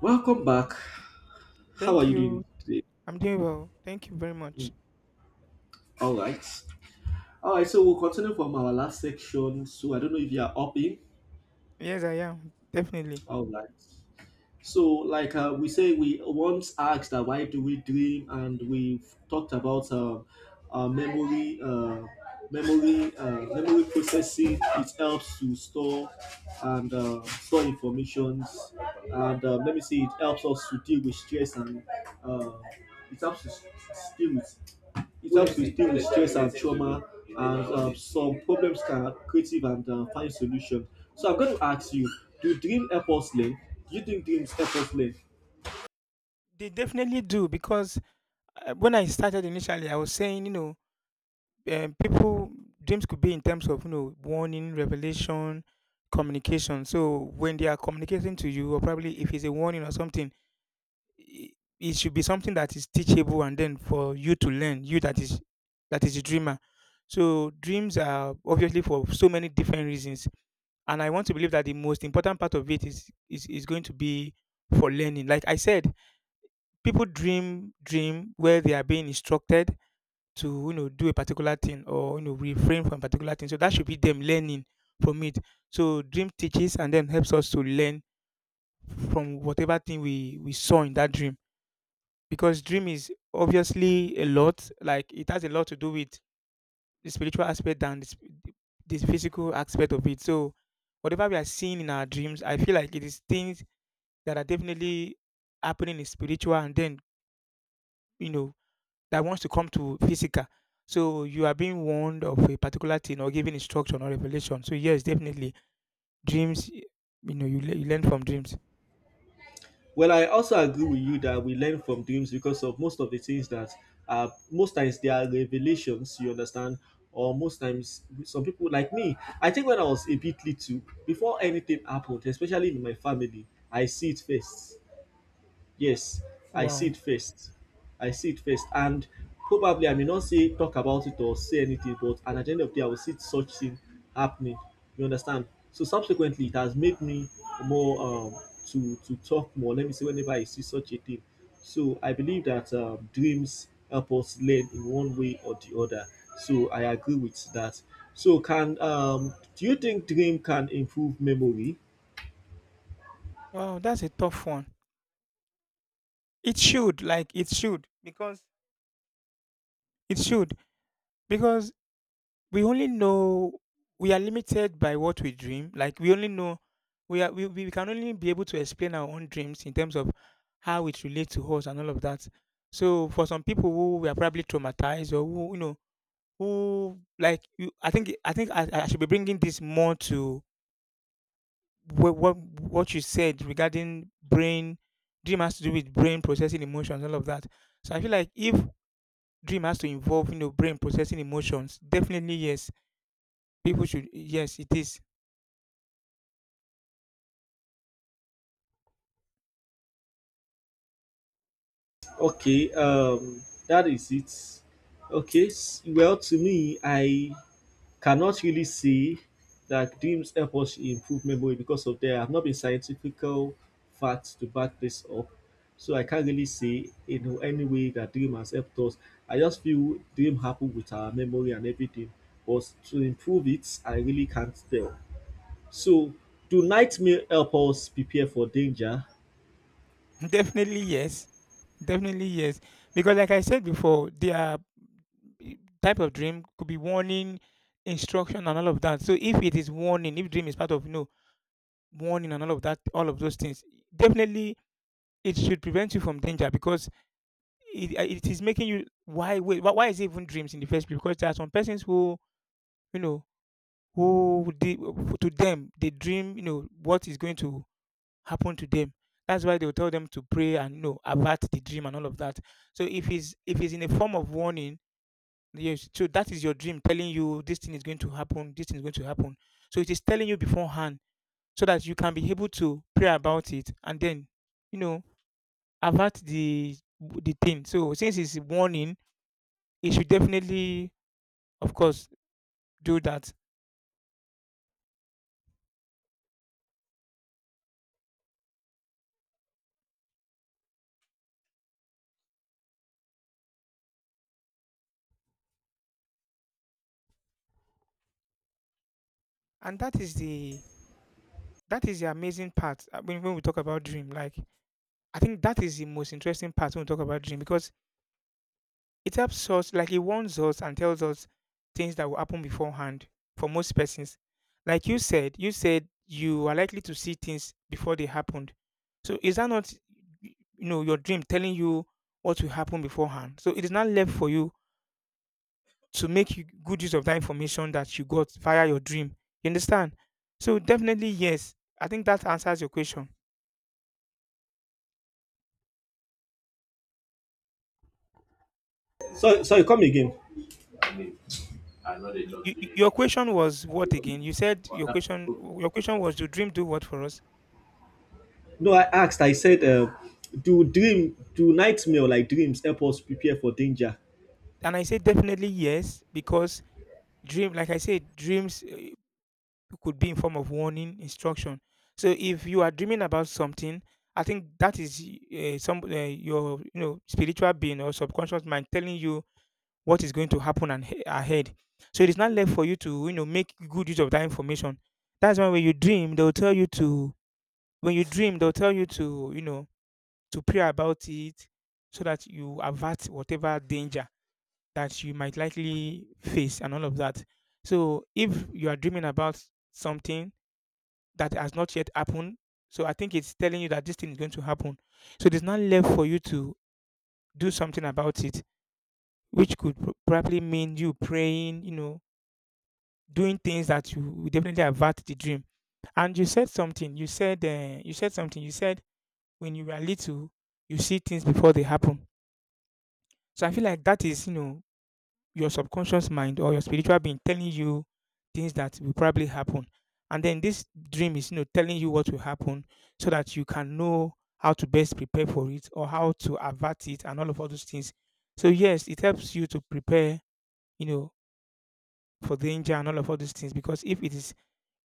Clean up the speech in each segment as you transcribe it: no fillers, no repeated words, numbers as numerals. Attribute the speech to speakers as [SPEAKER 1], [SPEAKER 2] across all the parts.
[SPEAKER 1] Welcome back. How are
[SPEAKER 2] Thank
[SPEAKER 1] you
[SPEAKER 2] you.
[SPEAKER 1] doing today?
[SPEAKER 2] I'm doing well. Thank you very
[SPEAKER 1] Mm,
[SPEAKER 2] much.
[SPEAKER 1] All right. All right. So we'll continue from our last section. So I don't know if you are up in.
[SPEAKER 2] Yes, I am. Definitely.
[SPEAKER 1] All right. So like we say, we once asked that why do we dream, and we've talked about memory, memory, memory processing. It helps to store and store informations, and let me see. It helps us to deal with stress and. Uh, it helps to s- deal with it helps to deal with stress and trauma, and some problems can have creative and find solutions. So I'm going to ask you: Do dream help us learn? Do you think dreams help us learn?
[SPEAKER 2] They definitely do because when I started initially, I was saying, you know, people, dreams could be in terms of, you know, warning, revelation, communication. So when they are communicating to you, or probably if it's a warning or something, it, it should be something that is teachable and then for you to learn, that is a dreamer. So dreams are obviously for so many different reasons, and I want to believe that the most important part of it is going to be for learning. Like I said, people dream where they are being instructed to, you know, do a particular thing or, you know, refrain from a particular thing. So that should be them learning from it. So dream teaches and then helps us to learn from whatever thing we saw in that dream, because dream is obviously a lot, like it has a lot to do with the spiritual aspect than the the physical aspect of it. So, whatever we are seeing in our dreams, I feel like it is things that are definitely happening in spiritual, and then, you know, that wants to come to physical. So you are being warned of a particular thing, or given instruction or revelation. So yes, definitely dreams. You know, you learn from dreams.
[SPEAKER 1] Well, I also agree with you that we learn from dreams because of most of the things that most times they are revelations. You understand? Or most times, some people like me. I think when I was a bit little, before anything happened, especially in my family, I see it first. Yes, I see
[SPEAKER 2] Wow,
[SPEAKER 1] it first. I see it first. And probably I may not say talk about it or say anything, but at the end of the day, I will see such thing happening. You understand? So subsequently, it has made me more to talk more. Let me say whenever I see such a thing. So I believe that dreams help us learn in one way or the other. So I agree with that. So can do you think dream can improve memory?
[SPEAKER 2] wow, that's a tough one. It should, like, it should, bec- it should, because we only know we are limited by what we dream. Like we only know we are we can only be able to explain our own dreams in terms of how it relates to us and all of that. So for some people who were probably traumatized, or who, you know, who like you, I should be bringing this more to what you said regarding brain. Dream has to do with brain processing emotions, all of that. So I feel like if dream has to involve, you know, brain processing emotions, definitely yes, people should, yes it is.
[SPEAKER 1] Okay, that is it. Okay, well, to me, I cannot really say that dreams help us improve memory because of there have not been scientifical facts to back this up. So I can't really say in any way that dream has helped us. I just feel dream happen with our memory and everything. But to improve it, I really can't tell. So do nightmare help us prepare for danger?
[SPEAKER 2] Definitely yes. Definitely yes. Because like I said before, their eh, type of dream could be warning, instruction, and all of that. So if it is warning, if dream is part of, you know, warning and all of that, all of those things, definitely it should prevent you from danger, because it is making you, why wait, why is it even dreams in the first place? Because there are some persons who, you know, who to them they dream, you know, what is going to happen to them. That's why they'll tell them to pray and, you know, avert the dream and all of that. So if it's in a form of warning, yes, so that is your dream telling you this thing is going to happen, this thing is going to happen. So it is telling you beforehand so that you can be able to pray about it, and then, you know, avert the thing. So since it's a warning, it should definitely, of course, do that. And that is the amazing part. I mean, when we talk about dream, like, I think that is the most interesting part when we talk about dream, because it helps us, like it warns us and tells us things that will happen beforehand for most persons. Like you said, you said you are likely to see things before they happened. So is that not, you know, your dream telling you what will happen beforehand? So it is not left for you to make you good use of that information that you got via your dream. You understand? So definitely yes. I think that answers your question.
[SPEAKER 1] So sorry, come again.
[SPEAKER 2] Your question was what again? You said your question. Your question was, do dream do what for us?
[SPEAKER 1] No, I asked. I said, "Do dream, do nightmare like dreams help us prepare for danger?"
[SPEAKER 2] And I say definitely yes, because dream, like I said, dreams, could be in form of warning, instruction. So if you are dreaming about something, I think that is some your, you know, spiritual being or subconscious mind telling you what is going to happen and ahead. So it is not left for you to, you know, make good use of that information. That's why when you dream, they'll tell you to, when you dream, they'll tell you to you know, to pray about it, so that you avert whatever danger that you might likely face and all of that. So if you are dreaming about something that has not yet happened, so I think it's telling you that this thing is going to happen. So it is not left for you to do something about it, which could probably mean you praying, you know, doing things that you will definitely avert the dream. And you said something. You said when you were little, you see things before they happen. So I feel like that is, you know, your subconscious mind or your spiritual being telling you things that will probably happen. And then this dream is, you know, telling you what will happen so that you can know how to best prepare for it or how to avert it and all of all those things. So yes, it helps you to prepare, you know, for danger and all of all these things, because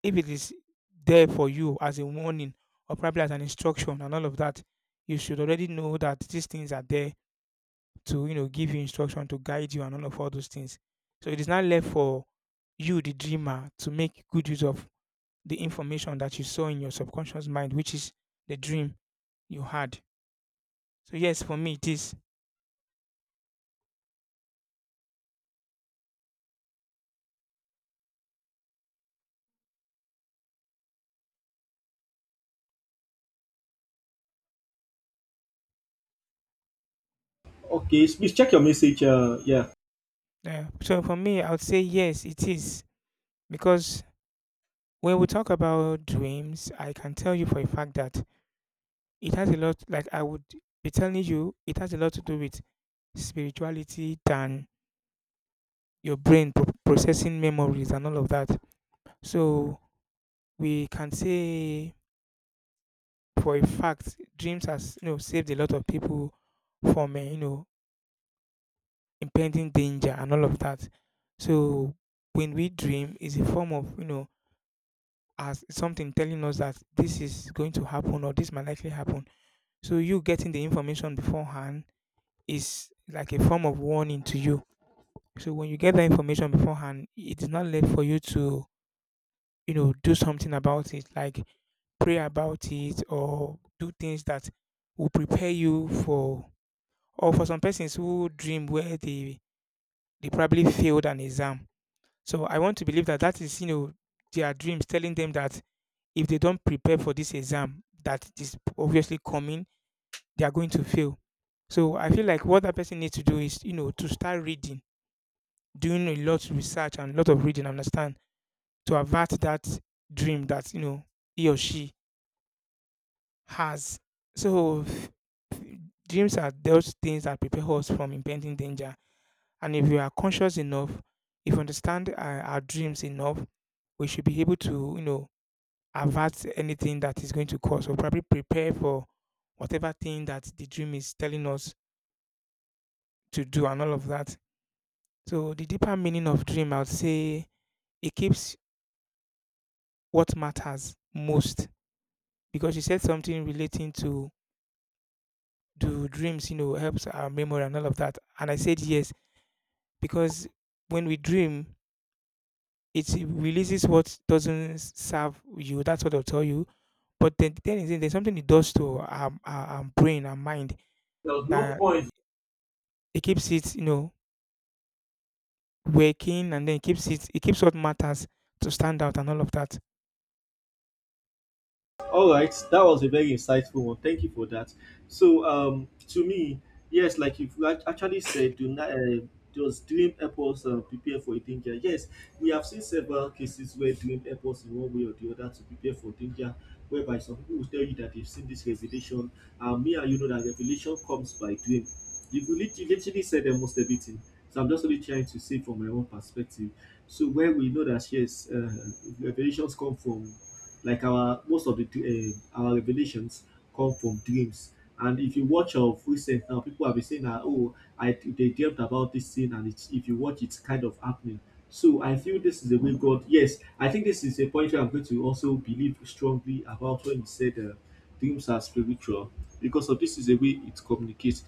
[SPEAKER 2] if it is there for you as a warning, or probably as an instruction and all of that, you should already know that these things are there to, you know, give you instruction, to guide you and all of all those things. So it is now left for you the dreamer to make good use of the information that you saw in your subconscious mind, which is the dream you had. So yes, for me it is.
[SPEAKER 1] Okay, please check your message. Yeah.
[SPEAKER 2] Yeah. So for me, I would say yes, it is, because when we talk about dreams, I can tell you for a fact that it has a lot, like I would be telling you it has a lot to do with spirituality than your brain processing memories and all of that. So we can say for a fact dreams has, you know, saved a lot of people from, you know, impending danger and all of that. So when we dream is a form of, you know, as something telling us that this is going to happen or this might likely happen. So you getting the information beforehand is like a form of warning to you. So when you get that information beforehand, it is not left for you to, you know, do something about it, like pray about it, or do things that will prepare you for, or for some persons who dream where they probably failed an exam. So I want to believe that that is, you know, their dreams telling them that if they don't prepare for this exam that is obviously coming, they are going to fail. So I feel like what that person needs to do is, you know, to start reading, doing a lot of research and a lot of reading, understand, to avert that dream that, you know, he or she has. So dreams are those things that prepare us from impending danger. And if we are conscious enough, if we understand our dreams enough, we should be able to, you know, avert anything that is going to cause, or probably prepare for whatever thing that the dream is telling us to do and all of that. So the deeper meaning of dream, I would say it keeps what matters most, because you said something relating to, do dreams, you know, helps our memory and all of that. And I said yes, because when we dream, it releases what doesn't serve you. That's what they'll tell you. But then the thing is, there's something it does to our brain, our mind,
[SPEAKER 1] There was no
[SPEAKER 2] that
[SPEAKER 1] point.
[SPEAKER 2] it keeps it, you know, working, and then it keeps it keeps what matters to stand out and all of that.
[SPEAKER 1] All right, that was a very insightful one. Thank you for that. So, to me, yes, like you've actually said, do not does dream help us prepare for a danger? Yes, we have seen several cases where dream help us in one way or the other to prepare for danger. Whereby some people will tell you that they've seen this revelation, and me and you know that revelation comes by dream. You've you literally said almost everything. So I'm just only trying to say from my own perspective. So where we know that yes, revelations come from like our most of the our revelations come from dreams. And if you watch of recent now, people have been saying that oh, I they dreamt about this thing, and it's, if you watch, it's kind of happening. So I feel this is the way God. Yes, I think this is a point where I'm going to also believe strongly about when He said dreams are spiritual because of this is the way it communicates.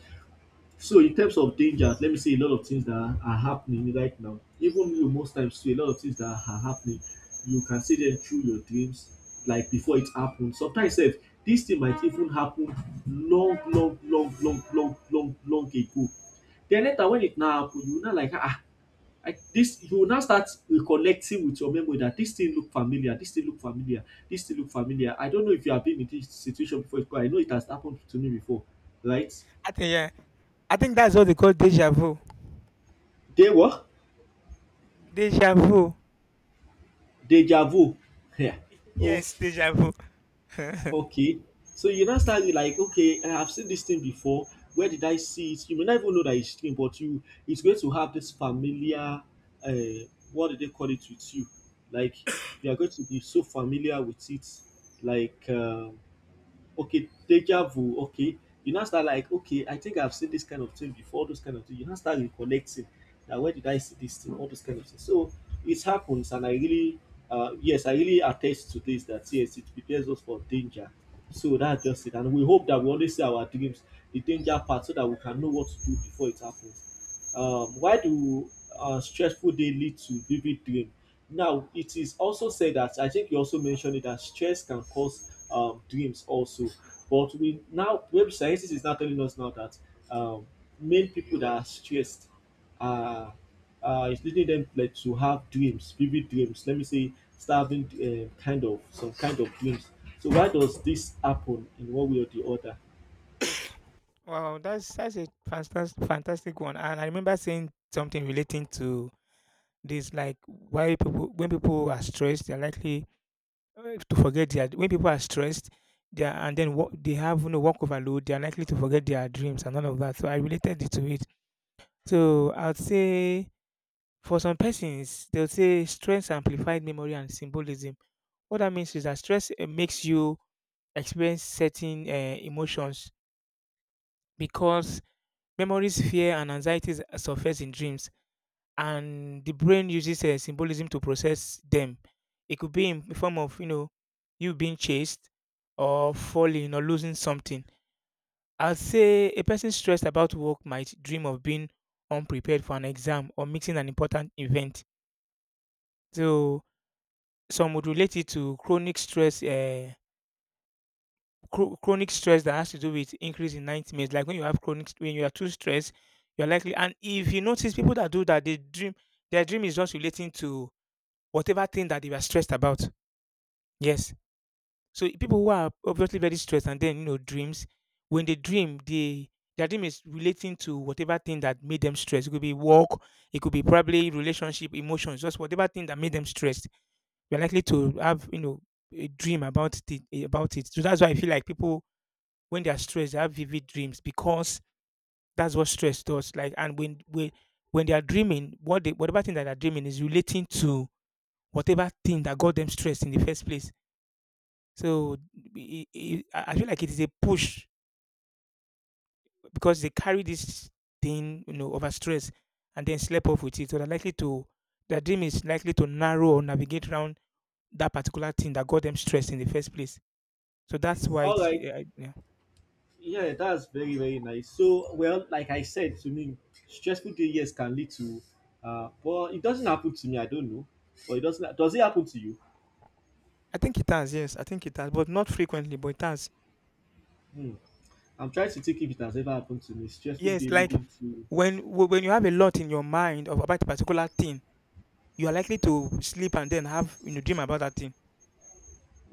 [SPEAKER 1] So in terms of dangers, let me say a lot of things that are happening right now. Even you most times too, a lot of things that are happening, you can see them through your dreams, like before it happens. Sometimes sef, dis thing might even happen long long long long long long long ago. Den later when it now happen, you now like I dis you will now start reconnecting with your memory dat dis thing look familiar, dis thing look familiar, dis thing look familiar. I don't know if you have been in dis situation before but I know it has happened to me before, right?
[SPEAKER 2] I think, yeah, I think that's what they call deja vu.
[SPEAKER 1] Dey what?
[SPEAKER 2] Deja vu.
[SPEAKER 1] Deja vu yeah. Oh,
[SPEAKER 2] Yes, deja vu.
[SPEAKER 1] okay, so you now start with like okay I have seen this thing before where did I see it you may not even know that it's thing, but you it's going to have this familiar uh, what do they call it with you like you are going to be so familiar with it like okay, deja vu, okay, you now start like, okay, I think I've seen this kind of thing before, all those kind of thing. You now start recollecting that where did I see this thing, all those kind of things. So it happens, and I really, yes, I really attest to this that yes, it prepares us for danger. So that's just it. And we hope that we always see our dreams, the danger part, so that we can know what to do before it happens. Why do stressful day lead to vivid dream? Now, it is also said that I think you also mentioned it that stress can cause dreams also. But we now, web sciences is now telling us now that um, many people that are stressed are is leading them like to have dreams, vivid dreams. Let me say, starving kind of some kind of dreams. So why does this happen in one way or the other?
[SPEAKER 2] Wow, that's a fantastic, fantastic one. And I remember saying something relating to this, like why people, when people are stressed, they're likely, uh, to forget their when people are stressed, they are, and then they have no work overload, they are likely to forget their dreams and all of that. So I related it to it. So I'd say for some persons, they'll say stress amplified memory and symbolism. What that means is that stress makes you experience certain emotions, because memories, fear, and anxieties surface in dreams, and the brain uses symbolism to process them. It could be in the form of you being chased or falling or losing something. I will say a person stressed about work might dream of being unprepared for an exam or missing an important event. So some would relate it to chronic stress. Chronic stress that has to do with increase in nightmares. Like when you have chronic, when you are too stressed, you're likely. And if you notice people that do that, they dream. Their dream is just relating to whatever thing that they were stressed about. Yes. So people who are obviously very stressed and then dreams, when they dream, they their dream is relating to whatever thing that made them stressed. It could be work, it could be probably relationship, emotions, just whatever thing that made them stressed. We're likely to have a dream about it. So that's why I feel like people when they are stressed, they have vivid dreams because that's what stress does. Like and when they are dreaming, whatever thing that they're dreaming is relating to whatever thing that got them stressed in the first place. So I feel like it is a push because they carry this thing, you know, over stress and then sleep off with it. So they're likely to their dream is likely to narrow or navigate around that particular thing that got them stressed in the first place. So that's why
[SPEAKER 1] All
[SPEAKER 2] it is.
[SPEAKER 1] right.
[SPEAKER 2] Yeah.
[SPEAKER 1] Yeah, that's very, very nice. So, well, like I said, to me, stressful day years can lead to, well, it doesn't happen to me. I don't know, but it doesn't. Does it happen to you?
[SPEAKER 2] I think it has. Yes, I think it has, but not frequently. But it has.
[SPEAKER 1] Hmm. I'm trying to think if it has ever happened to me. Stressful
[SPEAKER 2] Yes,
[SPEAKER 1] day
[SPEAKER 2] like
[SPEAKER 1] leading to.
[SPEAKER 2] when you have a lot in your mind of about a particular thing, you are likely to sleep and then have dream about that thing.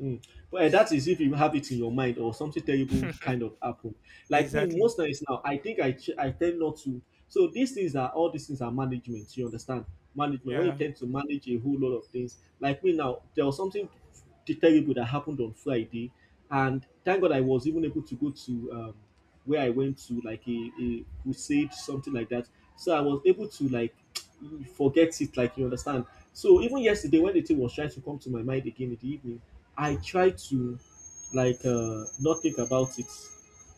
[SPEAKER 1] Mm. But eh, that is if you have it in your mind or something terrible kind of happen. Like me,
[SPEAKER 2] Exactly.
[SPEAKER 1] most nights now, I think I I tend not to. So these things are all these things are management. You understand management when you
[SPEAKER 2] Yeah.
[SPEAKER 1] tend to manage a whole lot of things. Like me now, there was something terrible that happened on Friday, and thank God I was even able to go to where I went to like a crusade something like that. So I was able to like you forget it like you understand so even yesterday when the thing was trying to come to my mind again in the evening I tried to like not think about it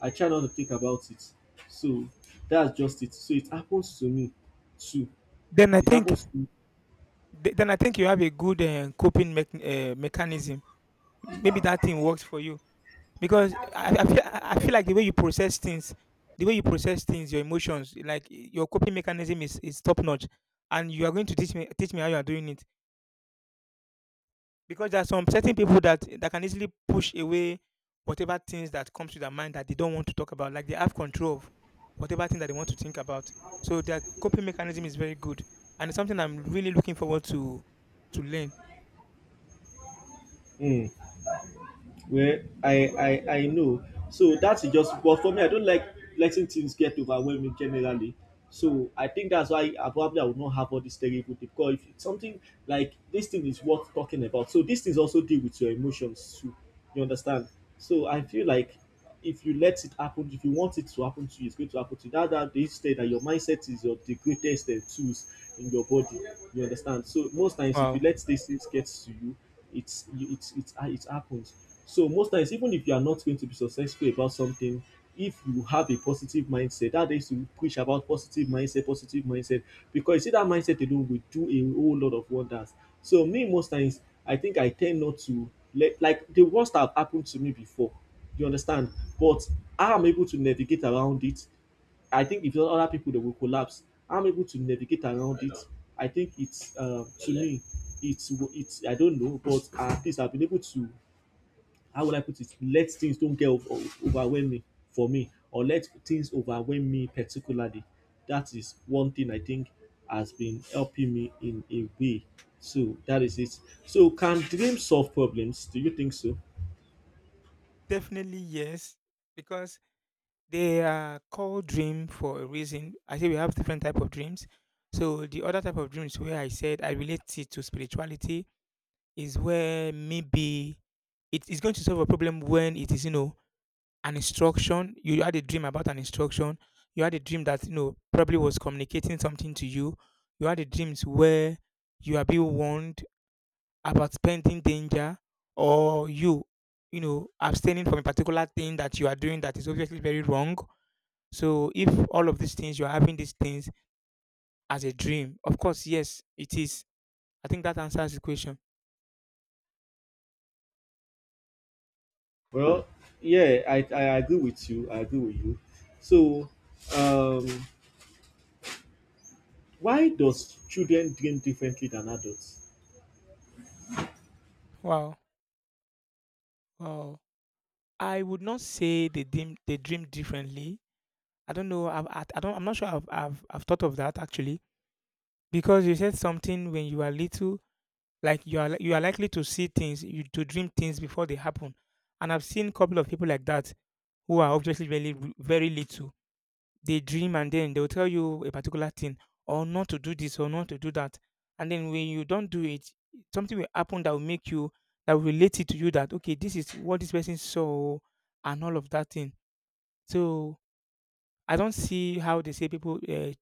[SPEAKER 1] I try not to think about it so that's just it so it happens to me too
[SPEAKER 2] Then I
[SPEAKER 1] it
[SPEAKER 2] think
[SPEAKER 1] happens to me.
[SPEAKER 2] then I think you have a good coping mechanism. Maybe that thing works for you because I feel I feel like the way you process things, the way you process things, your emotions, like your coping mechanism is top notch, and you are going to teach me how you are doing it because there are some certain people that can easily push away whatever things that comes to their mind that they don't want to talk about. Like they have control of whatever thing that they want to think about. So their coping mechanism is very good, and it's something I'm really looking forward to learn.
[SPEAKER 1] Mm. Well, I know. So that's just. But for me, I don't like letting things get overwhelming generally. So I think that's why I probably I would not have all these terrible things. Because if it's something like this thing is worth talking about. So these things also deal with your emotions too. You understand? So I feel like if you let it happen, if you want it to happen to you, it's going to happen to you. That that they say that your mindset is your the greatest tools in your body. You understand? So most times, if you
[SPEAKER 2] Wow,
[SPEAKER 1] let these things get to you, it's it's it happens. So most times, even if you are not going to be successful about something, if you have a positive mindset, that is to preach about positive mindset, because you see that mindset alone will do a whole lot of wonders. So me most times, I think I tend not to let like the worst have happened to me before you understand? But I'm able to navigate around it, I think if not other people they will collapse. I'm able to navigate around it, I think it's to me, it's I don't know, but at least I've been able to how would I put it? Let things don't get over, overwhelm me for me, or let things overwhelm me particularly. That is one thing I think has been helping me in a way. So that is it. So can dreams solve problems? Do you think so?
[SPEAKER 2] definitely yes, because they are called dream for a reason. I say we have different type of dreams. So the other type of dreams where I said I relate it to spirituality is where maybe it is going to solve a problem when it is an instruction. You had a dream about an instruction. You had a dream that probably was communicating something to you. You had a dreams where you are being warned about spending danger or you know abstaining from a particular thing that you are doing that is obviously very wrong, so if all of these things you're having these things as a dream, of course, yes, it is. I think that answers the question.
[SPEAKER 1] Well, yeah, I agree with you. I agree with you. So, um, why does children dream differently than adults?
[SPEAKER 2] Wow, wow. I would not say they dream differently. I don't know. I've, I don't. I'm not sure. I've thought of that actually because you said something when you are little, like you are likely to see things, you to dream things before they happen, and I've seen a couple of people like that who are obviously very very little. They dream and then they'll tell you a particular thing or not to do this or not to do that. And then when you don't do it, something will happen that will make you that will relate it to you that okay, this is what this person saw and all of that thing. So I don't see how they say people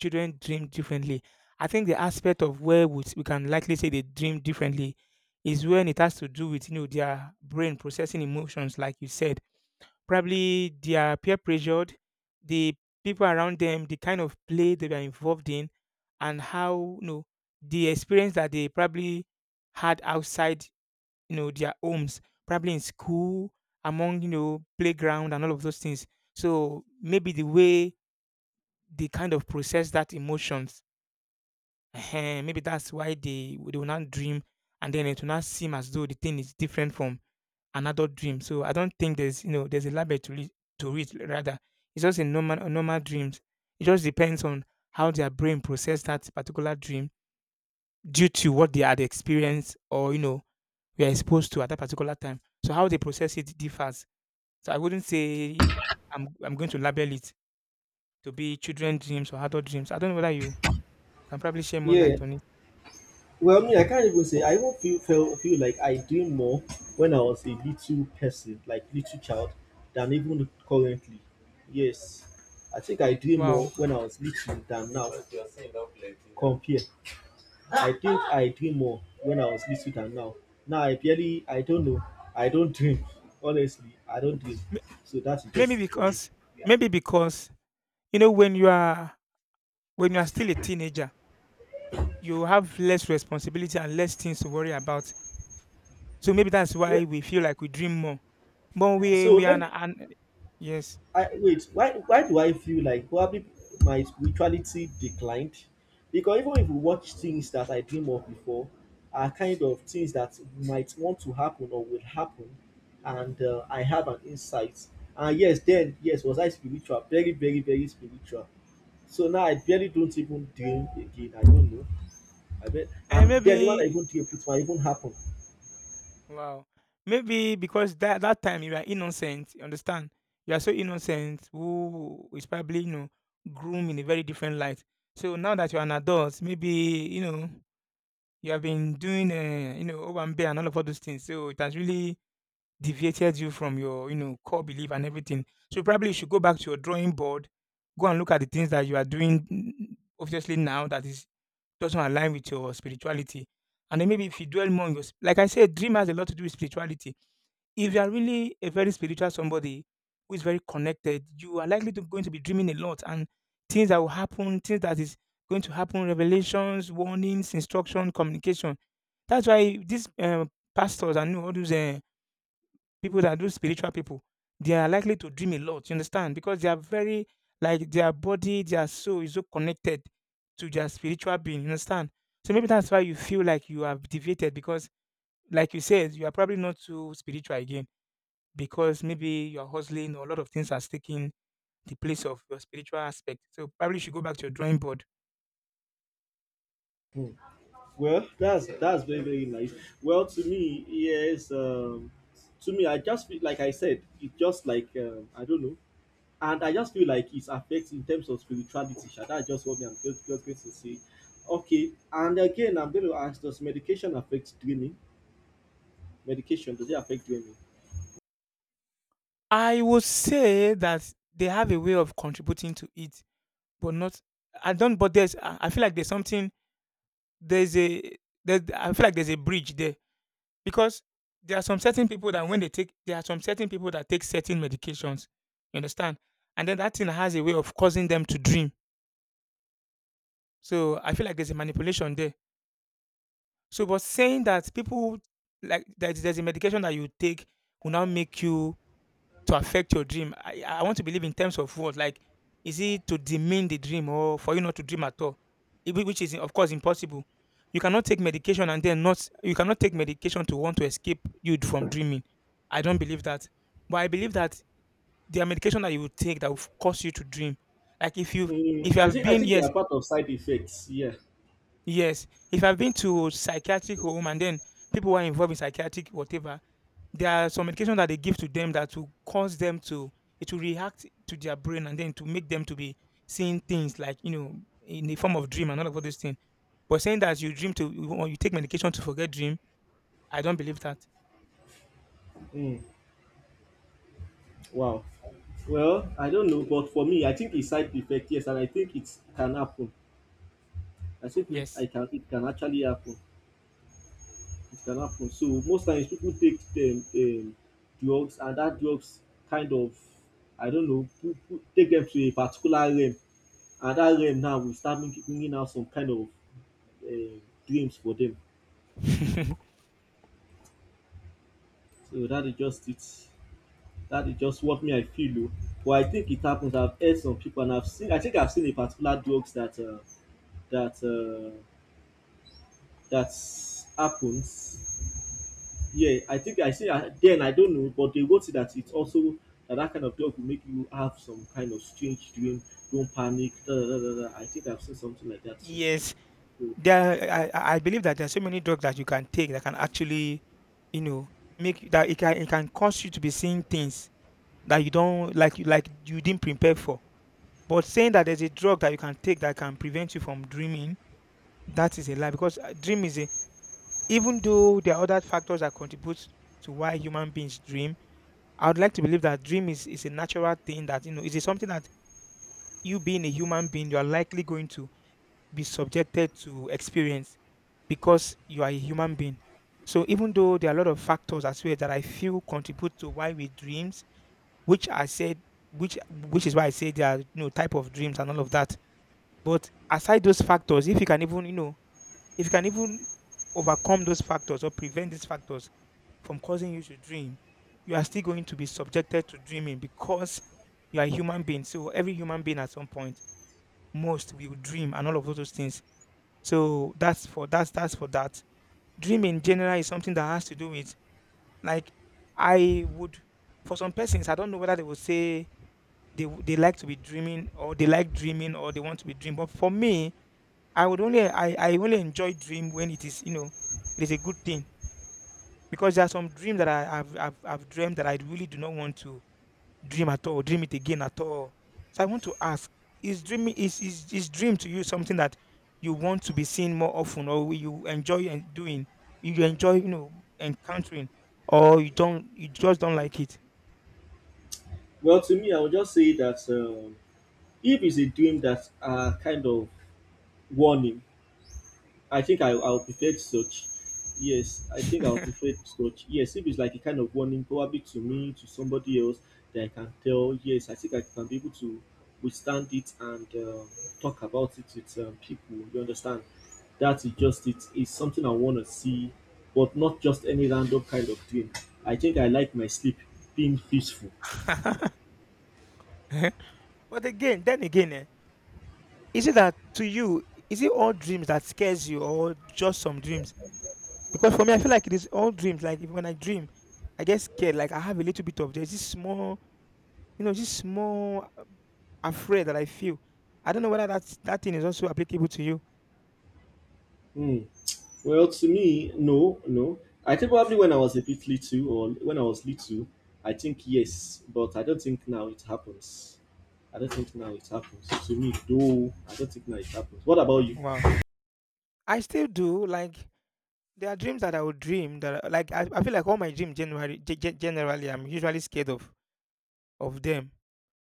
[SPEAKER 2] children dream differently. I think the aspect of where we can likely say they dream differently is when it has to do with their brain processing emotions, like you said probably they are peer pressured, the people around them, the kind of play they were involved in, and how the experience that they probably had outside their homes, probably in school, among playground and all of those things. So maybe the way they kind of process that emotions, eh, maybe that's why they will not dream, and then it will not seem as though the thing is different from an adult dream. So I don't think there's a label to it rather. It's just a normal dreams. It just depends on how their brain process that particular dream due to what they had experienced or were exposed to at that particular time. So how they process it differs. So I wouldn't say I'm going to label it to be children dreams or adult dreams. I don't know whether you can probably share more
[SPEAKER 1] Yeah.
[SPEAKER 2] light on it.
[SPEAKER 1] Well, I mean, I can't even say. I even feel like I dream more when I was a little person, like little child, than even currently. Yes, I think I dream more
[SPEAKER 2] Wow.
[SPEAKER 1] when I was little than now. Compare. I think I dream more when I was little than now. Now I barely, I don't know, I don't dream. Honestly, I don't dream.
[SPEAKER 2] M-
[SPEAKER 1] So that's
[SPEAKER 2] Maybe
[SPEAKER 1] just it for me.
[SPEAKER 2] because maybe because you know when you are when you are still a teenager you have less responsibility and less things to worry about. So maybe that's
[SPEAKER 1] Well,
[SPEAKER 2] why we feel like we dream more. But we
[SPEAKER 1] so
[SPEAKER 2] we are
[SPEAKER 1] let
[SPEAKER 2] not,
[SPEAKER 1] me
[SPEAKER 2] and yes,
[SPEAKER 1] I wait, why do I feel like probably my spirituality declined? Because even if we watch things that I dream of before are kind of things that might want to happen or will happen, and I have an insight. And yes, then yes, was I spiritual? Very, very, very spiritual. So now I barely don't even dream again. I don't know. I bet,
[SPEAKER 2] and
[SPEAKER 1] and then even I
[SPEAKER 2] maybe
[SPEAKER 1] even dream, it might even happen.
[SPEAKER 2] wow, maybe because that that time you are innocent. You understand? You are so innocent. Who is probably groomed in a very different light. So now that you are an adult, maybe you have been doing over and all of all those things. So it has really deviated you from your, you know, core belief and everything. So probably you should go back to your drawing board, go and look at the things that you are doing mm, obviously now that is doesn't align with your spirituality. And then maybe if you dwell more on your, s- like I said, dream has a lot to do with spirituality. If you are really a very spiritual somebody who is very connected, you are likely to going to be dreaming a lot and things that will happen, things that is going to happen, revelations, warnings, instruction, communication. That's why these pastors and all those people that do spiritual people, they are likely to dream a lot, you understand? Because they are very, like, their body, their soul is so connected to their spiritual being, you understand? So maybe that's why you feel like you have deviated because, like you said, you are probably not so spiritual again because maybe you're hustling or a lot of things are taking the place of your spiritual aspect. So probably you should go back to your drawing board.
[SPEAKER 1] Well, that's very very nice. Well, to me, yes. To me, I just feel like I said, it just like I don't know, and I just feel like it affects in terms of spirituality. Sha. That's just what me I'm just going to say. Okay, and again, I'm going to ask: Does medication affect dreaming? Medication does it affect dreaming?
[SPEAKER 2] I would say that they have a way of contributing to it, but not. I don't. But there's. I feel like there's something there's a there's I feel like there's a bridge there because there are some certain people that when they take there are some certain people that take certain medications, you understand, and then that thing has a way of causing them to dream. So I feel like there's a manipulation there. So, but saying that people like that there's a medication that you take will now make you to affect your dream? I want to believe in terms of what? Like, is it to demean the dream or for you not to dream at all? Which is of course impossible. You cannot take medication and then not you cannot take medication to want to escape you from dreaming. I don't believe that. But I believe that there are medication that you will take that will cause you to dream. Like if you
[SPEAKER 1] Mm,
[SPEAKER 2] if you have
[SPEAKER 1] I
[SPEAKER 2] been
[SPEAKER 1] think they
[SPEAKER 2] yes,
[SPEAKER 1] are part of side effects. Yeah.
[SPEAKER 2] yes. If I've been to psychiatric home and then people who are involved in psychiatric whatever there are some medication that they give to them that will cause them to it will react to their brain and then to make them to be seeing things like in the form of dream and all of all those things. But saying that you dream to or you take medication to forget dream, I don't believe that.
[SPEAKER 1] Mm, wow. Well, I don't know, but for me, I think it's side effect. Yes, and I think it can happen. I think it,
[SPEAKER 2] Yes.
[SPEAKER 1] I can it can actually happen. It can happen. So most times people take them drugs, and that drugs kind of I don't know take them to a particular realm, and that realm now will start bringing out some kind of dreams for them. So that is just it. That is just what me I feel. O. But I think it happens. I've heard some people, and I've seen. I think I've seen a particular drugs that that uh, that happens. Yeah, I think I see. I, then I don't know, but they wrote that it's also that that kind of dog will make you have some kind of strange dream. Don't panic. Da, da, da, da, da. I think I've seen something like that. So,
[SPEAKER 2] Yes,
[SPEAKER 1] so-
[SPEAKER 2] there. I believe that there are so many drugs that you can take that can actually, you know, that it can cause you to be seeing things that you don't like, you didn't prepare for. But saying that there's a drug that you can take that can prevent you from dreaming, that is a lie. Because dream is a, even though there are other factors that contribute to why human beings dream, I would like to believe that dream is a natural thing that, you know, is it something that you, being a human being, you are likely going to be subjected to experience because you are a human being. So even though there are a lot of factors as well that I feel contribute to why we dreams, which I said, which is why I say there are, you know, type of dreams and all of that. But aside those factors, if you can even, you know, if you can even overcome those factors or prevent these factors from causing you to dream, you are still going to be subjected to dreaming because you are a human being. So every human being at some point, most will dream and all of those things. So that's for that. Dream in general is something that has to do with, like, I would, for some persons, I don't know whether they would say they like to be dreaming, or they like dreaming, or they want to be dream. But for me, I would only, I only enjoy dream when it is, you know, it is a good thing. Because there are some dreams that I've dreamt that I really do not want to dream at all, dream it again at all. So I want to ask, is dream to you something that you want to be seeing more often, or you enjoy and doing, you enjoy, you know, encountering, or you just don't like it?
[SPEAKER 1] well, to me, I would just say that if it's a dream that's a kind of warning, I think I I'll prefer such. Yes, I think I'll prefer such. Yes, if it's like a kind of warning, probably to me, to somebody else, that I can tell. Yes, I think I can be able to withstand it and talk about it with people. You understand? That is just it. It's something I want to see, but not just any random kind of dream. I think I like my sleep being peaceful.
[SPEAKER 2] But again, then again, is it that to you, is it all dreams that scares you or just some dreams? Because for me, I feel like it is all dreams. Like if, when I dream, I get scared. Like I have a little bit of, there's this small, you know, just small afraid that I feel. I don't know whether that thing is also applicable to you.
[SPEAKER 1] Hmm. Well, to me, no, no. I think probably when I was a bit little, or when I was little, I think yes, but I don't think now it happens. I don't think now it happens to me, though. I don't think now it happens. What about you?
[SPEAKER 2] Wow. I still do. Like, there are dreams that I would dream that, I- like, I feel like all my dreams generally, generally, I'm usually scared of them.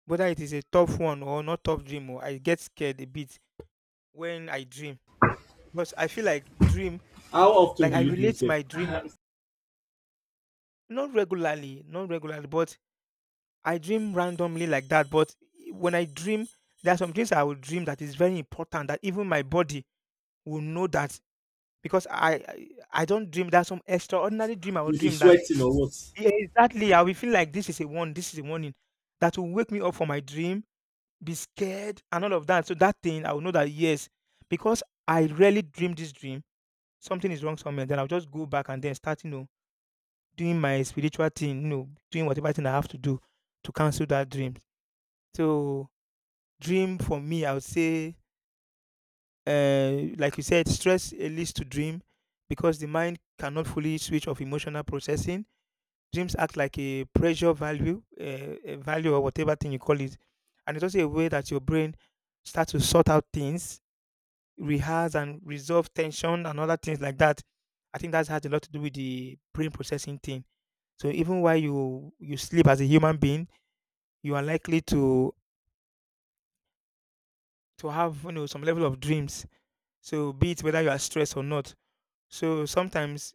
[SPEAKER 2] Whether it is a tough one or not tough dream, or I get scared a bit when I dream because I feel like dream,
[SPEAKER 1] How often
[SPEAKER 2] like
[SPEAKER 1] do
[SPEAKER 2] I
[SPEAKER 1] you dream
[SPEAKER 2] relate
[SPEAKER 1] self?
[SPEAKER 2] my dream not regularly, not regularly, but I dream randomly like that. But when I dream, there are some dreams I will dream that is very important that even my body will know that. Because I don't dream that. Some extraordinary dream I will
[SPEAKER 1] You be
[SPEAKER 2] dream that,
[SPEAKER 1] sweating or what?
[SPEAKER 2] yeah, exactly, I will feel like this is a one, this is a warning that will wake me up from my dream, be scared and all of that. So that thing I will know that, yes, because I rarely dream this dream, something is wrong somewhere. Then I'll just go back and then start, you know, doing my spiritual thing, you know, doing whatever thing I have to do to cancel that dream. So dream for me, I would say, like you said, stress, leads to dream because the mind cannot fully switch off emotional processing. Dreams act like a pressure value, a value or whatever thing you call it, and it's also a way that your brain starts to sort out things, rehearse and resolve tension and other things like that. I think that has a lot to do with the brain processing thing. So even while you sleep as a human being, you are likely to have, you know, some level of dreams. So be it whether you are stressed or not. So sometimes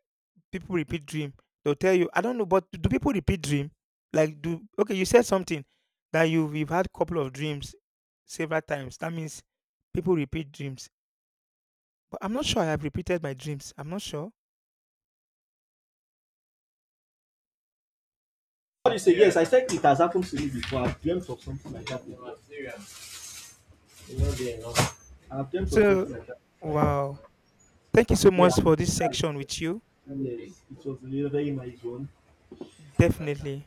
[SPEAKER 2] people repeat dream. They'll tell you, I don't know, but do people repeat dream? Like do, okay, you said something that you've had couple of dreams several times. That means people repeat dreams. But I'm not sure I have repeated my dreams. I'm not sure.
[SPEAKER 1] What do you say? Yes, I said it has happened to me before. I've dreamt of something like that before. I've dreamt of
[SPEAKER 2] So
[SPEAKER 1] something like that.
[SPEAKER 2] wow. Thank you so
[SPEAKER 1] Yeah,
[SPEAKER 2] much for this
[SPEAKER 1] yes,
[SPEAKER 2] section with you.
[SPEAKER 1] yes. It was a very nice one.
[SPEAKER 2] Definitely.